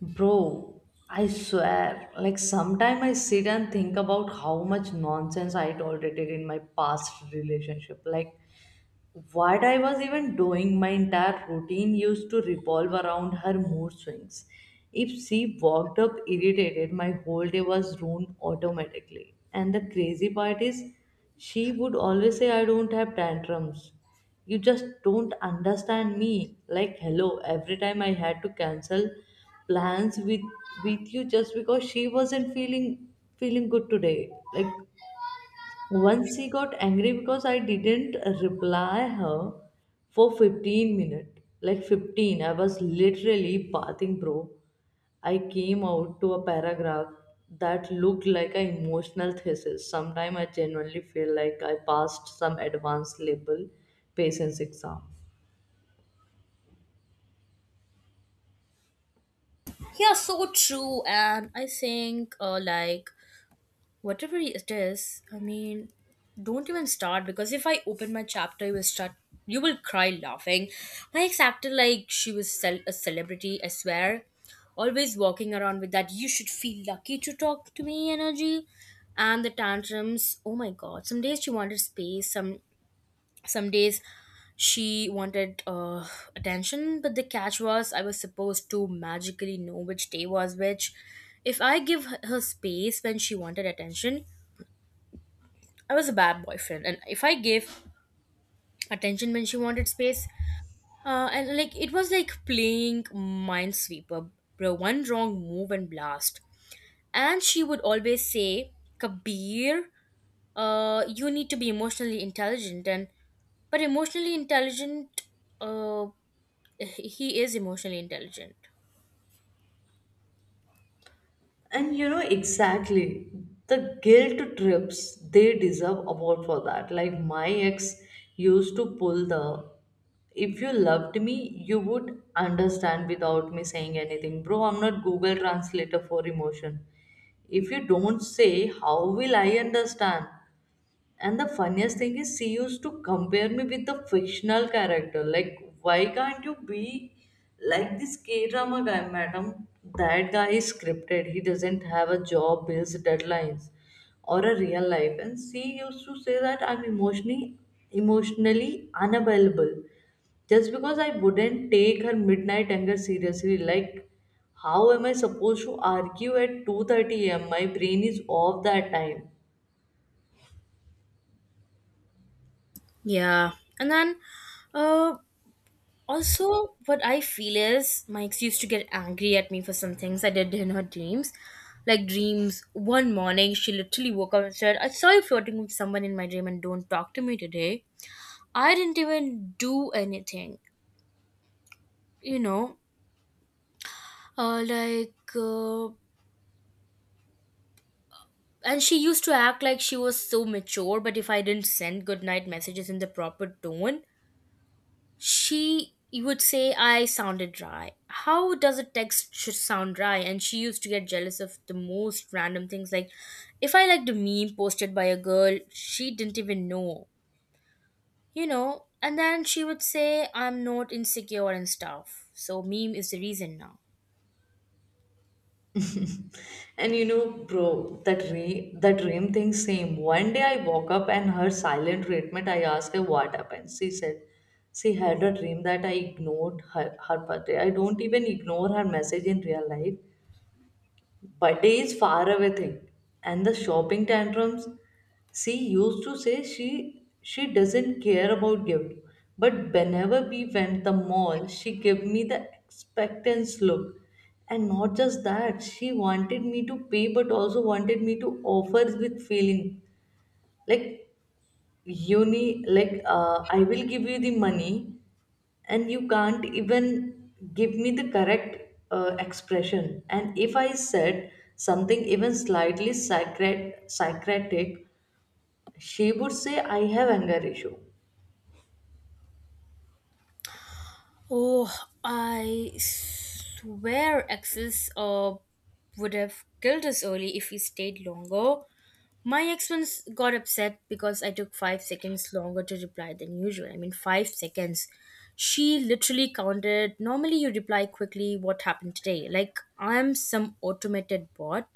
Bro, I swear, like sometime I sit and think about how much nonsense I tolerated in my past relationship. Like what I was even doing, my entire routine used to revolve around her mood swings. If she walked up irritated, my whole day was ruined automatically. And the crazy part is, she would always say, I don't have tantrums. You just don't understand me. Like, hello, every time I had to cancel plans with you just because she wasn't feeling good today, like once she got angry because I didn't reply her for 15 minutes. Like 15, I was literally bathing, bro. I came out to a paragraph that looked like an emotional thesis. Sometimes I genuinely feel like I passed some advanced level patience exam. Yeah, so true. And I think, whatever it is, I mean, don't even start because if I open my chapter, you will start, you will cry laughing. My ex acted like she was a celebrity, I swear. Always walking around with that, you should feel lucky to talk to me energy. And the tantrums, oh my god. Some days she wanted space, some days she wanted attention, but the catch was I was supposed to magically know which day was which. If I give her her space when she wanted attention, I was a bad boyfriend, and if I gave attention when she wanted space. And like, it was like playing Minesweeper, bro. One wrong move and blast. And she would always say, Kabir, you need to be emotionally intelligent. And but emotionally intelligent, uh, he is emotionally intelligent. And you know exactly the guilt trips, they deserve award for that. Like my ex used to pull the if you loved me, you would understand without me saying anything. Bro, I'm not Google translator for emotion. If you don't say, how will I understand? And the funniest thing is, she used to compare me with the fictional character. Like, why can't you be like this K drama guy, madam? That guy is scripted. He doesn't have a job, bills, deadlines, or a real life. And she used to say that I'm emotionally unavailable just because I wouldn't take her midnight anger seriously. Like, how am I supposed to argue at 2:30 a.m.? My brain is off that time. Yeah, and then, uh, also, what I feel is Mike's used to get angry at me for some things I did in her dreams. Like dreams, one morning she literally woke up and said, I saw you flirting with someone in my dream and don't talk to me today. I didn't even do anything, you know. Uh, like, uh, and she used to act like she was so mature, but if I didn't send good night messages in the proper tone, she would say, I sounded dry. How does a text sound dry? And she used to get jealous of the most random things. Like, if I liked a meme posted by a girl, she didn't even know, you know? And then she would say, I'm not insecure and stuff. So, meme is the reason now. And you know, bro, that dream thing same. One day I woke up and her silent treatment, I asked her what happened. She said she had a dream that I ignored her, her birthday. I don't even ignore her message in real life. Birthday is far away thing. And the shopping tantrums. She used to say she doesn't care about gift. But whenever we went the mall, she gave me the expectance look. And not just that, she wanted me to pay but also wanted me to offer with feeling. Like uni like I will give you the money and you can't even give me the correct expression. And if I said something even slightly psychotic, she would say I have anger issue. Oh, I swear exes would have killed us early if we stayed longer. My ex once got upset because I took 5 seconds longer to reply than usual. I mean, 5 seconds. She literally counted. Normally, you reply quickly, what happened today? Like, I'm some automated bot.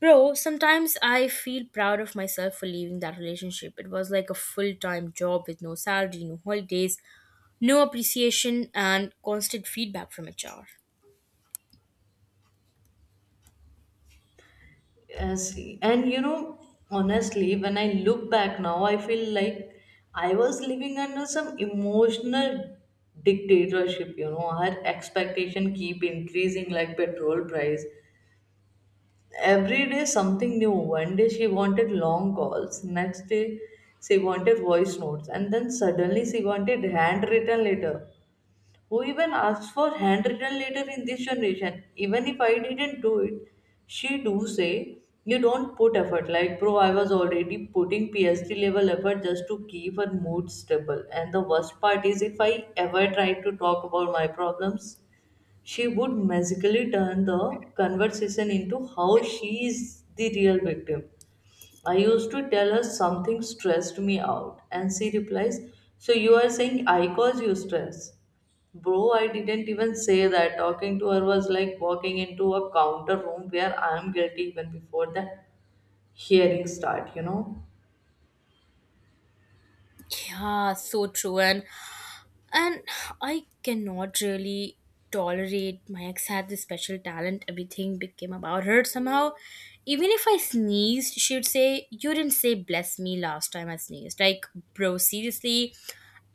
Bro, sometimes I feel proud of myself for leaving that relationship. It was like a full time job with no salary, no holidays, no appreciation and constant feedback from HR. Yes, and you know, honestly, when I look back now, I feel like I was living under some emotional dictatorship. You know, her expectation keep increasing like petrol price, every day something new. One day she wanted long calls, next day she wanted voice notes, and then suddenly she wanted handwritten letter. Who even asks for handwritten letter in this generation? Even if I didn't do it, she do say you don't put effort. Like bro, I was already putting PhD level effort just to keep her mood stable. And the worst part is if I ever try to talk about my problems, she would magically turn the conversation into how she is the real victim. I used to tell her something stressed me out, and she replies, so you are saying I cause you stress? Bro, I didn't even say that. Talking to her was like walking into a counter room where I am guilty even before the hearing start, you know? Yeah, so true. And I cannot really tolerate. My ex had this special talent. Everything became about her somehow. Even if I sneezed, she would say, You didn't say bless me last time I sneezed. Like, bro, seriously.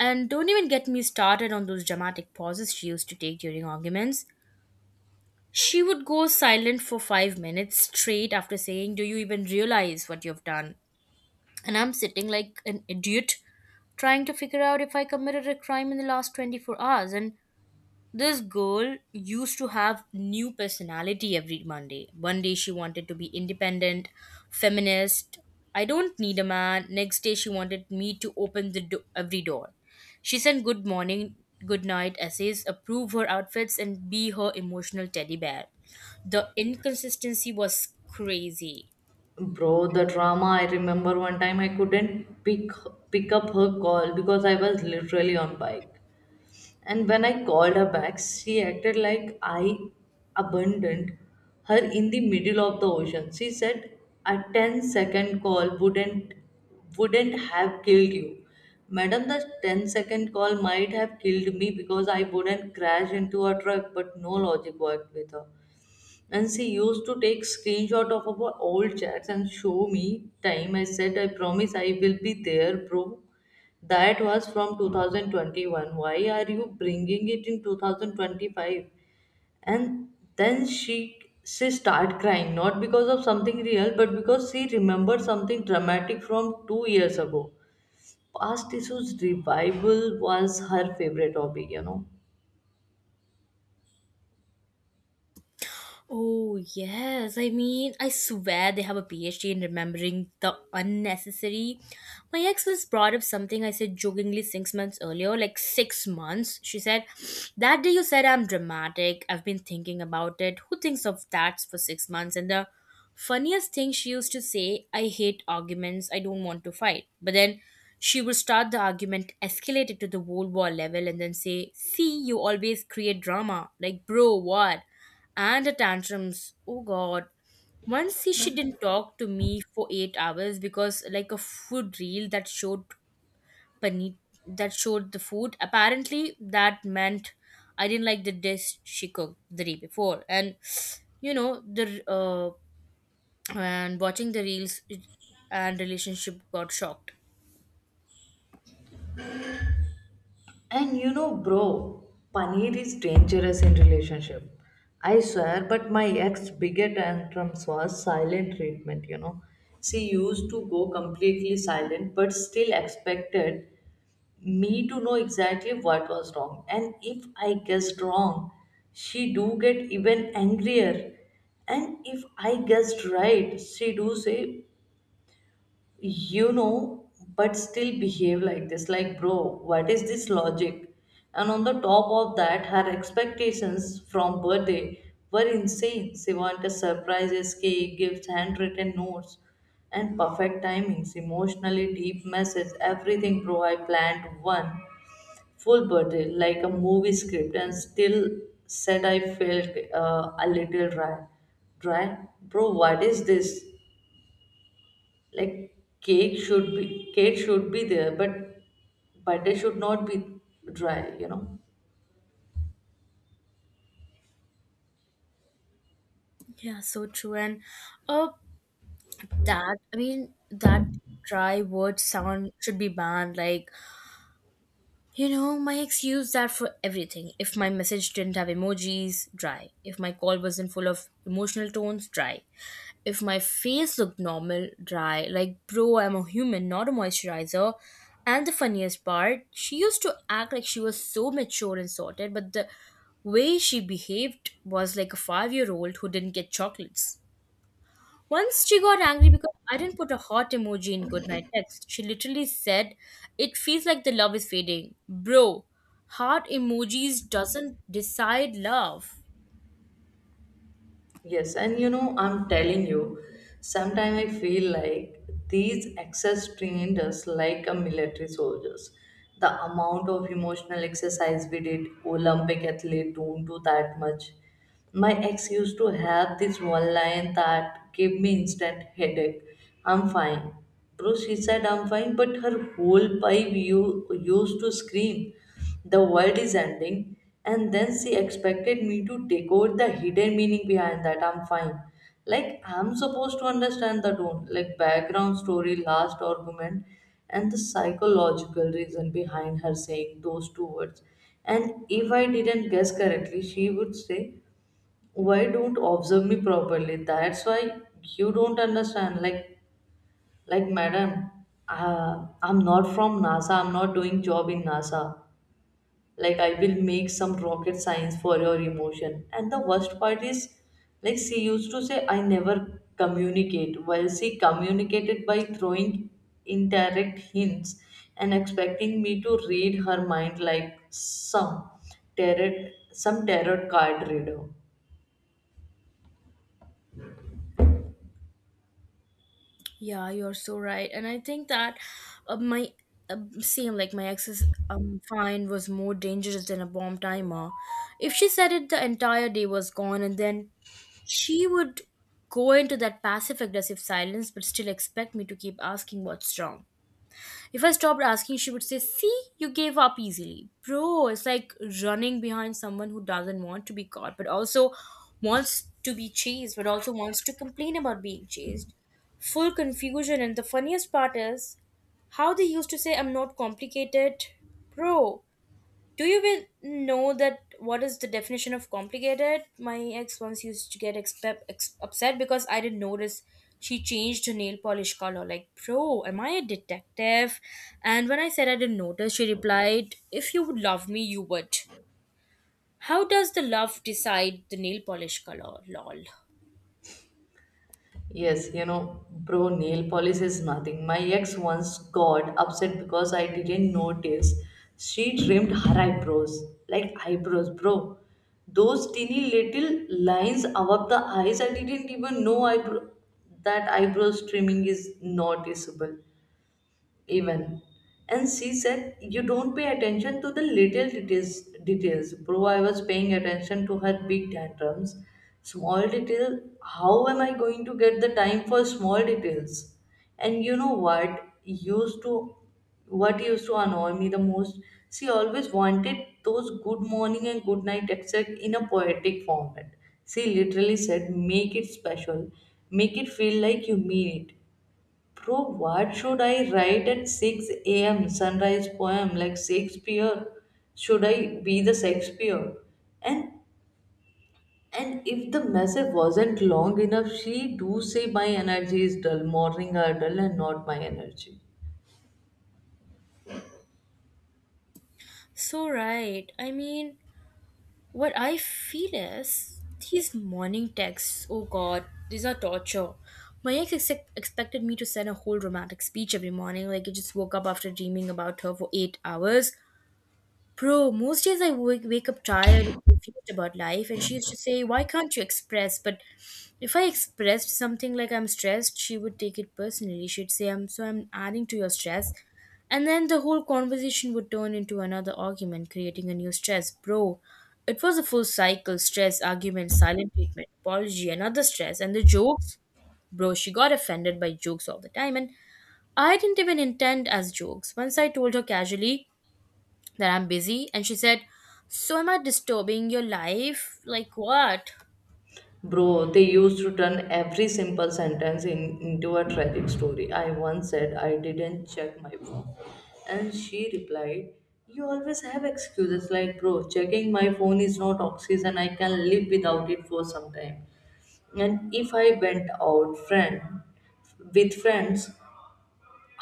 And don't even get me started on those dramatic pauses she used to take during arguments. She would go silent for 5 minutes straight after saying, Do you even realize what you've done? And I'm sitting like an idiot trying to figure out if I committed a crime in the last 24 hours. And this girl used to have new personality every Monday. One day she wanted to be independent, feminist. I don't need a man. Next day she wanted me to open the every door. She sent good morning, good night essays, approve her outfits, and be her emotional teddy bear. The inconsistency was crazy. Bro, the drama, I remember one time I couldn't pick up her call because I was literally on bike. And when I called her back, she acted like I abandoned her in the middle of the ocean. She said a ten-second call wouldn't have killed you. Madam, the ten-second call might have killed me because I wouldn't crash into a truck, but no logic worked with her. And she used to take screenshot of our old chats and show me time. I said, I promise I will be there, bro. That was from 2021. Why are you bringing it in 2025? And then she start crying, not because of something real, but because she remembered something dramatic from 2 years ago. Past issues revival was her favorite hobby, you know. Oh, yes. I mean, I swear they have a PhD in remembering the unnecessary. My ex was brought up something I said jokingly 6 months earlier, like 6 months. She said, That day you said I'm dramatic. I've been thinking about it. Who thinks of that for 6 months? And the funniest thing she used to say, I hate arguments. I don't want to fight. But then she would start the argument, escalate it to the World War level, and then say, See, you always create drama. Like, bro, what? And the tantrums. Oh God. Once she didn't talk to me for 8 hours because like a food reel that showed pani that showed the food. Apparently that meant I didn't like the dish she cooked the day before. And you know, the and watching the reels and relationship got shocked. And you know, bro, paneer is dangerous in relationship. I swear, but my ex biggest tantrums was silent treatment, you know. She used to go completely silent but still expected me to know exactly what was wrong. And if I guessed wrong, she do get even angrier. And if I guessed right, she do say you know, but still behave like this. Like, bro, what is this logic? And on the top of that, her expectations from birthday were insane. She wanted surprises, cake, gifts, handwritten notes, and perfect timings, emotionally deep message, everything, bro. I planned one full birthday, like a movie script, and still said I felt a little dry. Dry? Bro, what is this? Like cake should be there, but they should not be dry, you know. Yeah, so true. And uh that I mean, that dry word sound should be banned. Like, you know, my ex used that for everything. If my message didn't have emojis, dry. If my call wasn't full of emotional tones, dry. If my face looked normal, dry. Like, bro, I'm a human, not a moisturizer. And the funniest part, she used to act like she was so mature and sorted, but the way she behaved was like a 5 year old who didn't get chocolates. Once she got angry because I didn't put a heart emoji in goodnight text. She literally said, "It feels like the love is fading, bro. Heart emojis doesn't decide love." Yes, and you know, I'm telling you, sometimes I feel like these excess trained us like a military soldiers. The amount of emotional exercise we did, Olympic athlete don't do that much. My ex used to have this one line that gave me instant headache. I'm fine. Bro, she said I'm fine, but her whole pipe you used to scream the world is ending. And then she expected me to take over the hidden meaning behind that I'm fine. Like I'm supposed to understand the tone, like background story, last argument, and the psychological reason behind her saying those two words. And if I didn't guess correctly, she would say why don't observe me properly, that's why you don't understand. Like madam, uh, I'm not from NASA, I'm not doing job in NASA, like I will make some rocket science for your emotion. And the worst part is, like she used to say I never communicate while she communicated by throwing indirect hints and expecting me to read her mind like tarot some tarot card reader. Yeah, you're so right, and I think that my uh, same like my ex's find was more dangerous than a bomb timer. If she said it, the entire day was gone, and then she would go into that passive aggressive silence, but still expect me to keep asking what's wrong. If I stopped asking, she would say, See, you gave up easily. Bro, it's like running behind someone who doesn't want to be caught, but also wants to be chased, but also wants to complain about being chased. Full confusion. And the funniest part is how they used to say, I'm not complicated. Bro, do you even know that what is the definition of complicated? My ex once used to get upset because I didn't notice she changed her nail polish color. Like, bro, am I a detective? And when I said I didn't notice, she replied, If you would love me, you would. How does the love decide the nail polish color? Lol. Yes, you know, bro, nail polish is nothing. My ex once got upset because I didn't notice. She trimmed her eyebrows, like eyebrows, bro. Those teeny little lines above the eyes, I didn't even know eyebrow that eyebrows trimming is noticeable even. And she said you don't pay attention to the little details. Bro, I was paying attention to her big tantrums. Small detail, how am I going to get the time for small details? And you know what used to annoy me the most, she always wanted those good morning and good night except in a poetic format. She literally said make it special, make it feel like you mean it. Bro, what should I write at 6 a.m., sunrise poem like Shakespeare? Should I be the Shakespeare? And if the message wasn't long enough, she do say my energy is dull. Morning are dull and not my energy. So, right. I mean, what I feel is these morning texts, oh god, these are torture. My ex expected me to send a whole romantic speech every morning, like I just woke up after dreaming about her for 8 hours. Bro, most days I wake up tired and confused about life, and she used to say, Why can't you express? But if I expressed something like I'm stressed, she would take it personally. She'd say, I'm adding to your stress. And then the whole conversation would turn into another argument, creating a new stress. Bro, it was a full cycle stress, argument, silent treatment, apology, another stress. And the jokes, bro, she got offended by jokes all the time. And I didn't even intend as jokes. Once I told her casually, that I'm busy. And she said, So am I disturbing your life? Like what? Bro, they used to turn every simple sentence in, into a tragic story. I once said I didn't check my phone. And she replied, you always have excuses like, bro, checking my phone is not oxygen. I can live without it for some time. And if I went out friend with friends,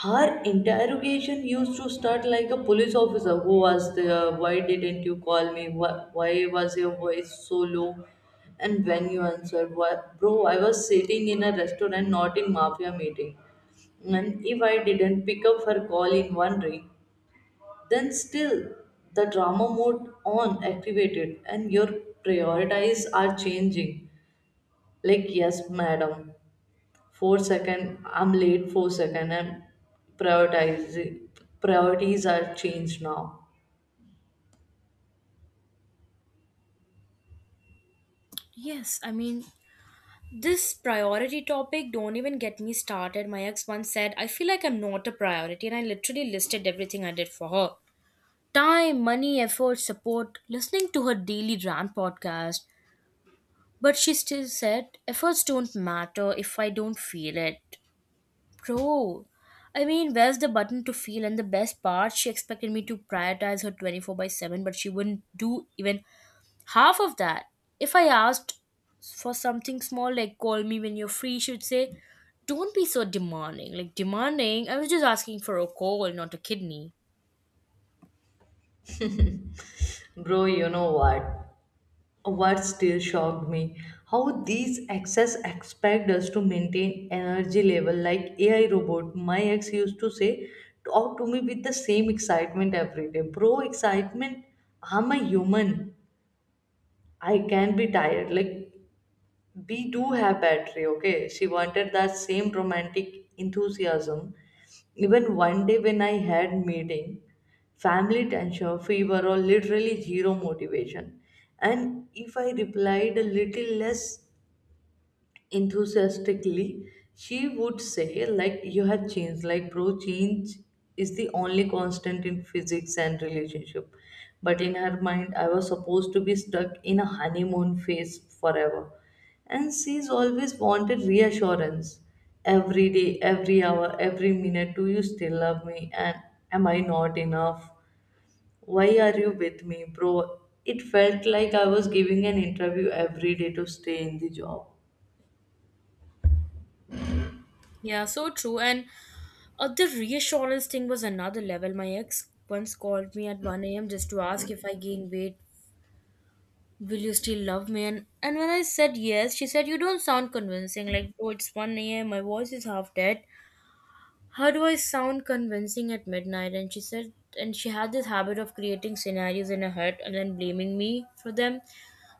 her interrogation used to start like a police officer who was there, why didn't you call me, why was your voice so low? And when you answered why, bro, I was sitting in a restaurant, not in mafia meeting. And if I didn't pick up her call in one ring, then still the drama mode on activated and your priorities are changing. Like yes madam, 4 second I'm late, 4 second, and prioritize priorities are changed now. Yes, I mean, this priority topic, don't even get me started. My ex once said, I feel like I'm not a priority. And I literally listed everything I did for her, time, money, effort, support, listening to her daily rant podcast. But she still said, efforts don't matter if I don't feel it. Bro, I mean, where's the button to feel? And the best part, she expected me to prioritize her 24 by 7, but she wouldn't do even half of that. If I asked for something small, like call me when you're free, she would say, Don't be so demanding. Like, demanding, I was just asking for a call, not a kidney. Bro, you know what still shocked me, how these exes expect us to maintain energy level like AI robot. My ex used to say talk to me with the same excitement every day. Bro, excitement, I'm a human, I can be tired, like we do have battery, okay. She wanted that same romantic enthusiasm even one day when I had meeting, family tension, fever, or literally zero motivation. And if I replied a little less enthusiastically, she would say like you have changed. Like bro, change is the only constant in physics and relationship. But in her mind I was supposed to be stuck in a honeymoon phase forever. And she's always wanted reassurance every day, every hour, every minute. Do you still love me? And am I not enough? Why are you with me? Bro, it felt like I was giving an interview every day to stay in the job. Yeah, so true. And the reassurance thing was another level. My ex once called me at 1 a.m. just to ask if I gained weight, will you still love me? And when I said yes, she said, You don't sound convincing. Like, bro, it's 1 a.m., my voice is half dead. How do I sound convincing at midnight? And she had this habit of creating scenarios in her head and then blaming me for them.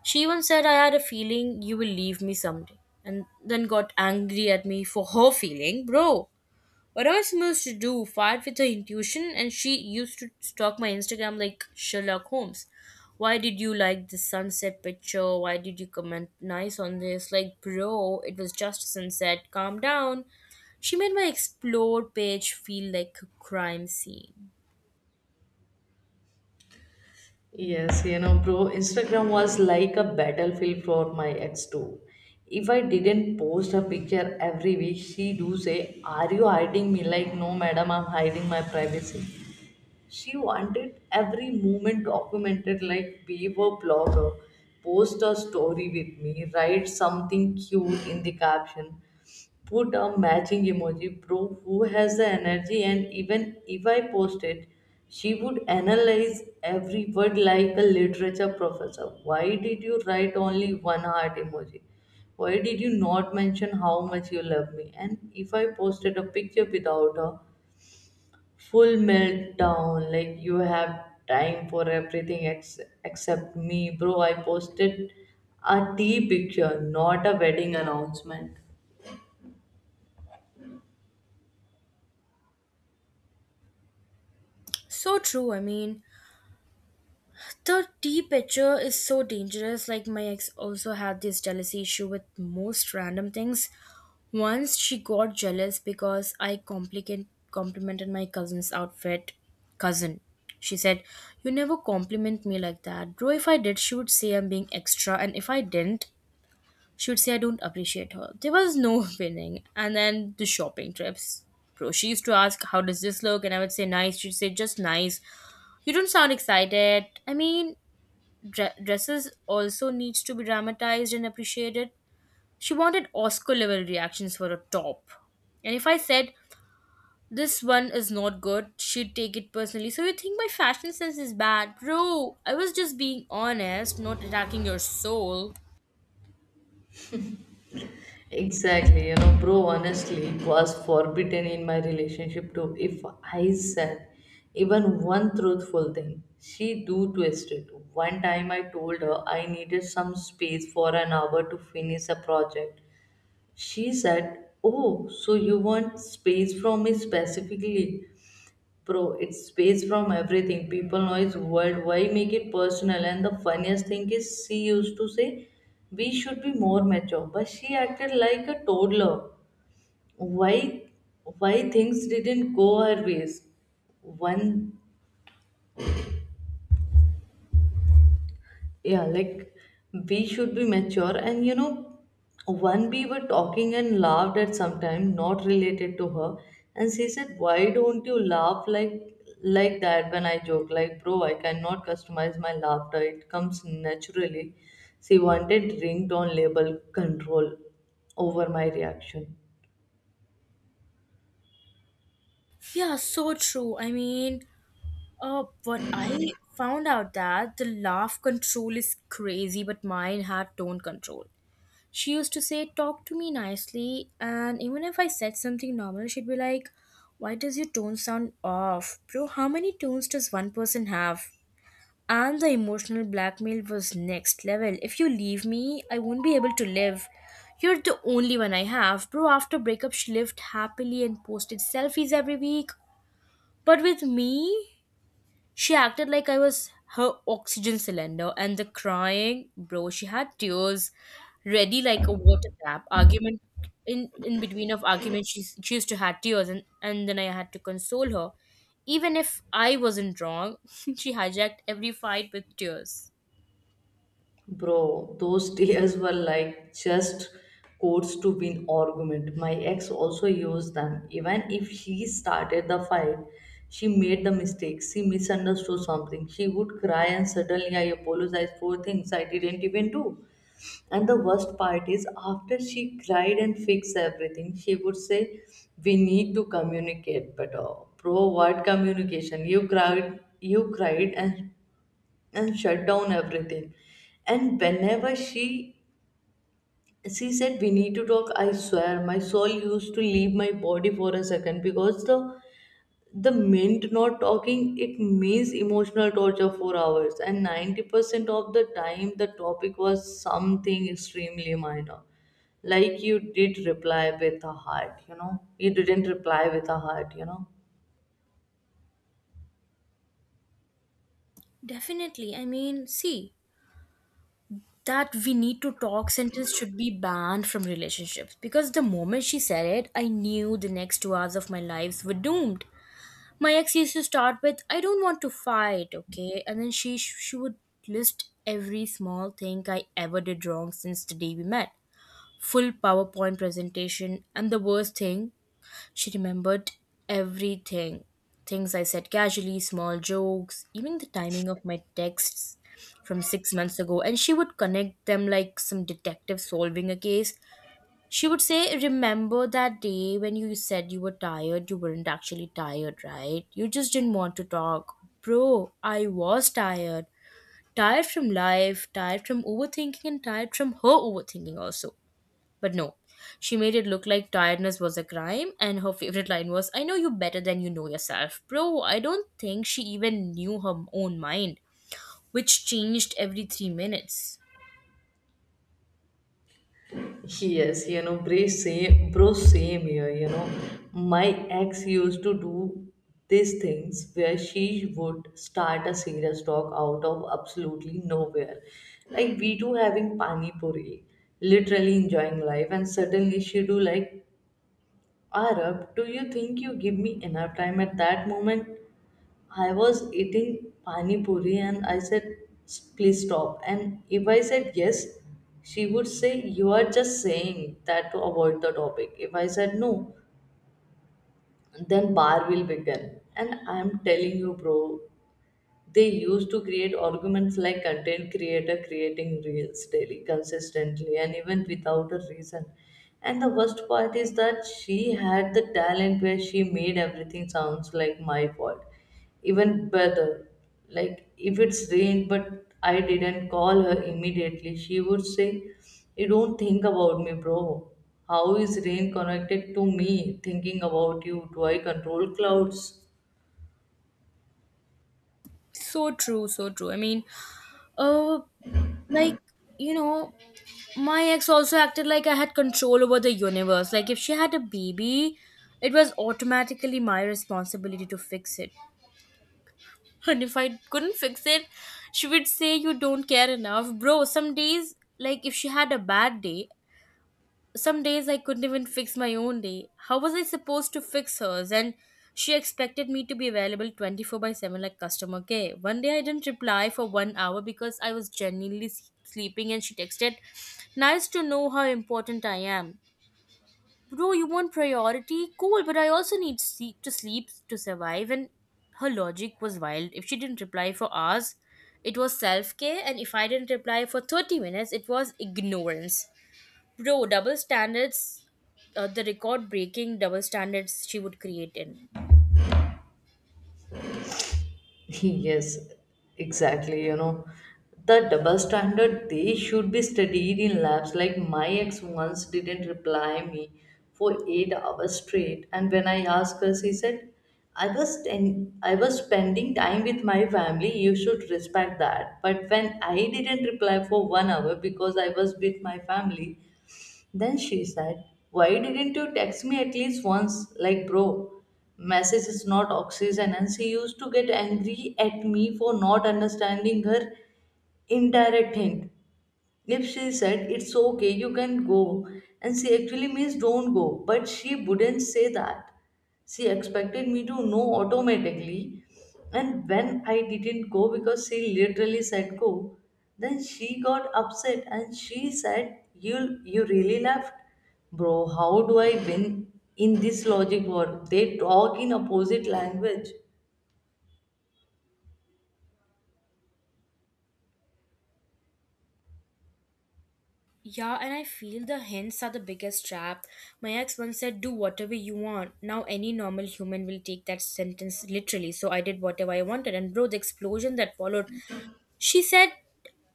She even said, I had a feeling you will leave me someday. And then got angry at me for her feeling. Bro, what am I supposed to do? Fight with her intuition? And she used to stalk my Instagram like Sherlock Holmes. Why did you like this sunset picture? Why did you comment nice on this? Like, bro, it was just a sunset. Calm down. She made my explore page feel like a crime scene. Yes, you know, bro, Instagram was like a battlefield for my ex too. If I didn't post a picture every week, she do say, "Are you hiding me?" Like, no, madam, I'm hiding my privacy. She wanted every moment documented, like we were blogger. Post a story with me, write something cute in the caption, put a matching emoji bro. Who has the energy? And even if I post it, she would analyze every word like a literature professor. Why did you write only one heart emoji? Why did you not mention how much you love me? And if I posted a picture without a full meltdown, like, you have time for everything except me. Bro, I posted a tea picture, not a wedding announcement. So true, I mean, the tea picture is so dangerous. Like, my ex also had this jealousy issue with most random things. Once she got jealous because I complimented my cousin's outfit. Cousin, she said, You never compliment me like that. Bro, if I did, she would say I'm being extra, and if I didn't, she would say I don't appreciate her. There was no winning. And then the shopping trips. Bro, she used to ask, How does this look? And I would say, Nice. She'd say, Just nice. You don't sound excited. I mean, dresses also needs to be dramatized and appreciated. She wanted Oscar level reactions for a top. And if I said, this one is not good, she'd take it personally. So you think my fashion sense is bad? Bro, I was just being honest, not attacking your soul. Exactly, you know, bro, honestly, it was forbidden in my relationship too. If I said even one truthful thing, she do twist it. One time I told her I needed some space for an hour to finish a project. She said, "Oh, so you want space from me specifically?" Pro, it's space from everything. People, noise, world. Why make it personal? And the funniest thing is, she used to say, "We should be more mature," but she acted like a toddler. Why, why things didn't go her ways? One, yeah, like, we should be mature, and, you know, one we were talking and laughed at sometime not related to her, and she said, "Why don't you laugh like that when I joke?" Like, bro, I cannot customize my laughter, it comes naturally. She wanted ringtone label control over my reaction. Yeah, so true. I mean, what I found out that the laugh control is crazy, but mine had tone control. She used to say, Talk to me nicely. And even if I said something normal, she'd be like, Why does your tone sound off? Bro, how many tones does one person have? And the emotional blackmail was next level. If you leave me, I won't be able to live. You're the only one I have. Bro, after breakup, she lived happily and posted selfies every week. But with me, she acted like I was her oxygen cylinder, and the crying, bro, she had tears ready like a water tap. Argument in between of argument, she used to have tears, and then I had to console her, even if I wasn't wrong. She hijacked every fight with tears. Bro, those tears were like just quotes to win argument. My ex also used them. Even if she started the fight, she made the mistake, she misunderstood something, she would cry, and suddenly I apologized for things I didn't even do. And the worst part is, after she cried and fixed everything, she would say, "We need to communicate better." Bro, what communication? You cried and shut down everything. And whenever she said, "We need to talk," I swear my soul used to leave my body for a second, because the mint not talking, it means emotional torture for hours, and 90% of the time the topic was something extremely minor, like, you did reply with a heart, you know, you didn't reply with a heart, you know. Definitely, I mean, see that we need to talk sentence should be banned from relationships because the moment she said it, I knew the next 2 hours of my lives were doomed. My ex used to start with, I don't want to fight, okay? And then she would list every small thing I ever did wrong since the day we met. Full powerpoint presentation. And the worst thing, she remembered everything. Things I said casually, small jokes, even the timing of my texts from 6 months ago. And she would connect them like some detective solving a case. She would say, Remember that day when you said you were tired? You weren't actually tired, right? You just didn't want to talk. Bro, I was tired. Tired from life, tired from overthinking, and tired from her overthinking also. But no, she made it look like tiredness was a crime, and her favorite line was, I know you better than you know yourself. Bro, I don't think she even knew her own mind, which changed every 3 minutes. Yes, you know, bro, same here. You know, my ex used to do these things where she would start a serious talk out of absolutely nowhere. Like, we two having pani puri, literally enjoying life, and suddenly she do like, "Arab, do you think you give me enough time?" At that moment, I was eating pani puri, and I said, "Please stop." And if I said yes, she would say, "You are just saying that to avoid the topic." If I said no, then bar will begin. And I'm telling you, bro, they used to create arguments like content creator creating reels daily, consistently, and even without a reason. And the worst part is that she had the talent where she made everything sounds like my fault. Even better, like, if it's rain but I didn't call her immediately, she would say, "You don't think about me." Bro, how is rain connected to me thinking about you? Do I control clouds? So true, so true. I mean, uh, like, you know, my ex also acted like I had control over the universe. Like, if she had a baby, it was automatically my responsibility to fix it. And if I couldn't fix it, she would say, You don't care enough. Bro, some days, like, if she had a bad day, some days I couldn't even fix my own day. How was I supposed to fix hers? And she expected me to be available 24 by 7 like customer care. One day I didn't reply for 1 hour because I was genuinely sleeping and she texted, Nice to know how important I am. Bro, you want priority? Cool, but I also need sleep to survive. And her logic was wild. If she didn't reply for hours, it was self care. And if I didn't reply for 30 minutes, it was ignorance. Bro, double standards, the record breaking double standards she would create in. Yes, exactly. You know, the double standard, they should be studied in labs. Like, my ex once didn't reply me for 8 hours straight, and when I asked her, she said, "I was I was spending time with my family. You should respect that." But when I didn't reply for 1 hour because I was with my family, then she said, "Why didn't you text me at least once?" Like, bro, message is not oxygen. And she used to get angry at me for not understanding her indirect hint. If she said, "It's okay, you can go," and she actually means don't go, but she wouldn't say that. She expected me to know automatically, and when I didn't go because she literally said go, then she got upset and she said, "You really left?" Bro, how do I win in this logic war? They talk in opposite language. Yeah, and I feel the hints are the biggest trap. My ex once said, Do whatever you want. Now, any normal human will take that sentence literally. So, I did whatever I wanted. And, bro, the explosion that followed. She said,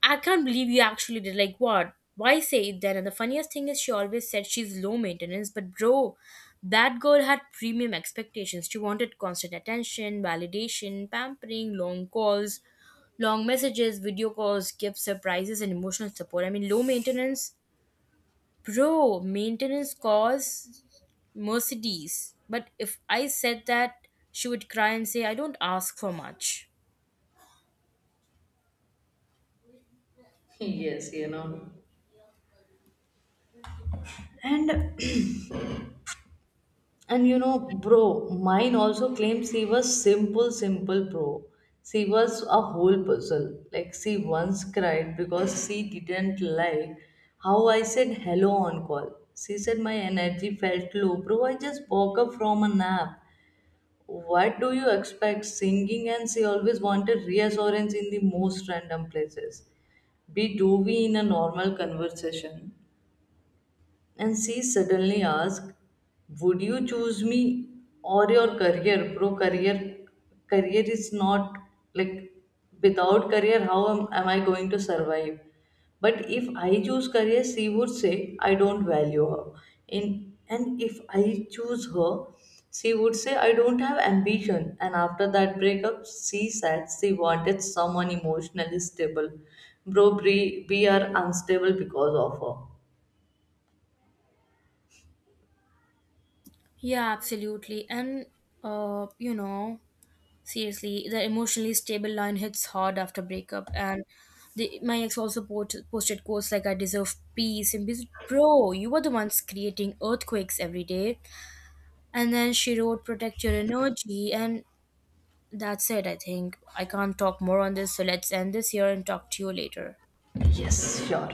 I can't believe you actually did. Like, what? Why say it then? And the funniest thing is, she always said she's low maintenance, but bro, that girl had premium expectations. She wanted constant attention, validation, pampering, long calls, long messages, video calls, gifts, surprises, and emotional support. I mean, low maintenance, bro, maintenance calls Mercedes. But if I said that, she would cry and say, I don't ask for much. Yes, you know. And And you know, bro, mine also claims she was simple. Simple, bro? She was a whole puzzle. Like, she once cried because she didn't like how I said hello on call. She said my energy felt low. Bro, I just woke up from a nap. What do you expect, singing? And she always wanted reassurance in the most random places. Be do we in a normal conversation, and she suddenly asked, "Would you choose me or your career?" Bro, career is not like, without career, how am I going to survive? But if I choose career, she would say I don't value her. In and if I choose her, she would say I don't have ambition. And after that breakup, she said she wanted someone emotionally stable. Bro, we are unstable because of her. Yeah, absolutely. And, you know, seriously, the emotionally stable line hits hard after breakup. And my ex also posted quotes like, I deserve peace. And peace. Bro, you were the ones creating earthquakes every day. And then she wrote, Protect your energy. And that's it, I think. I can't talk more on this. So let's end this here and talk to you later. Yes, sure.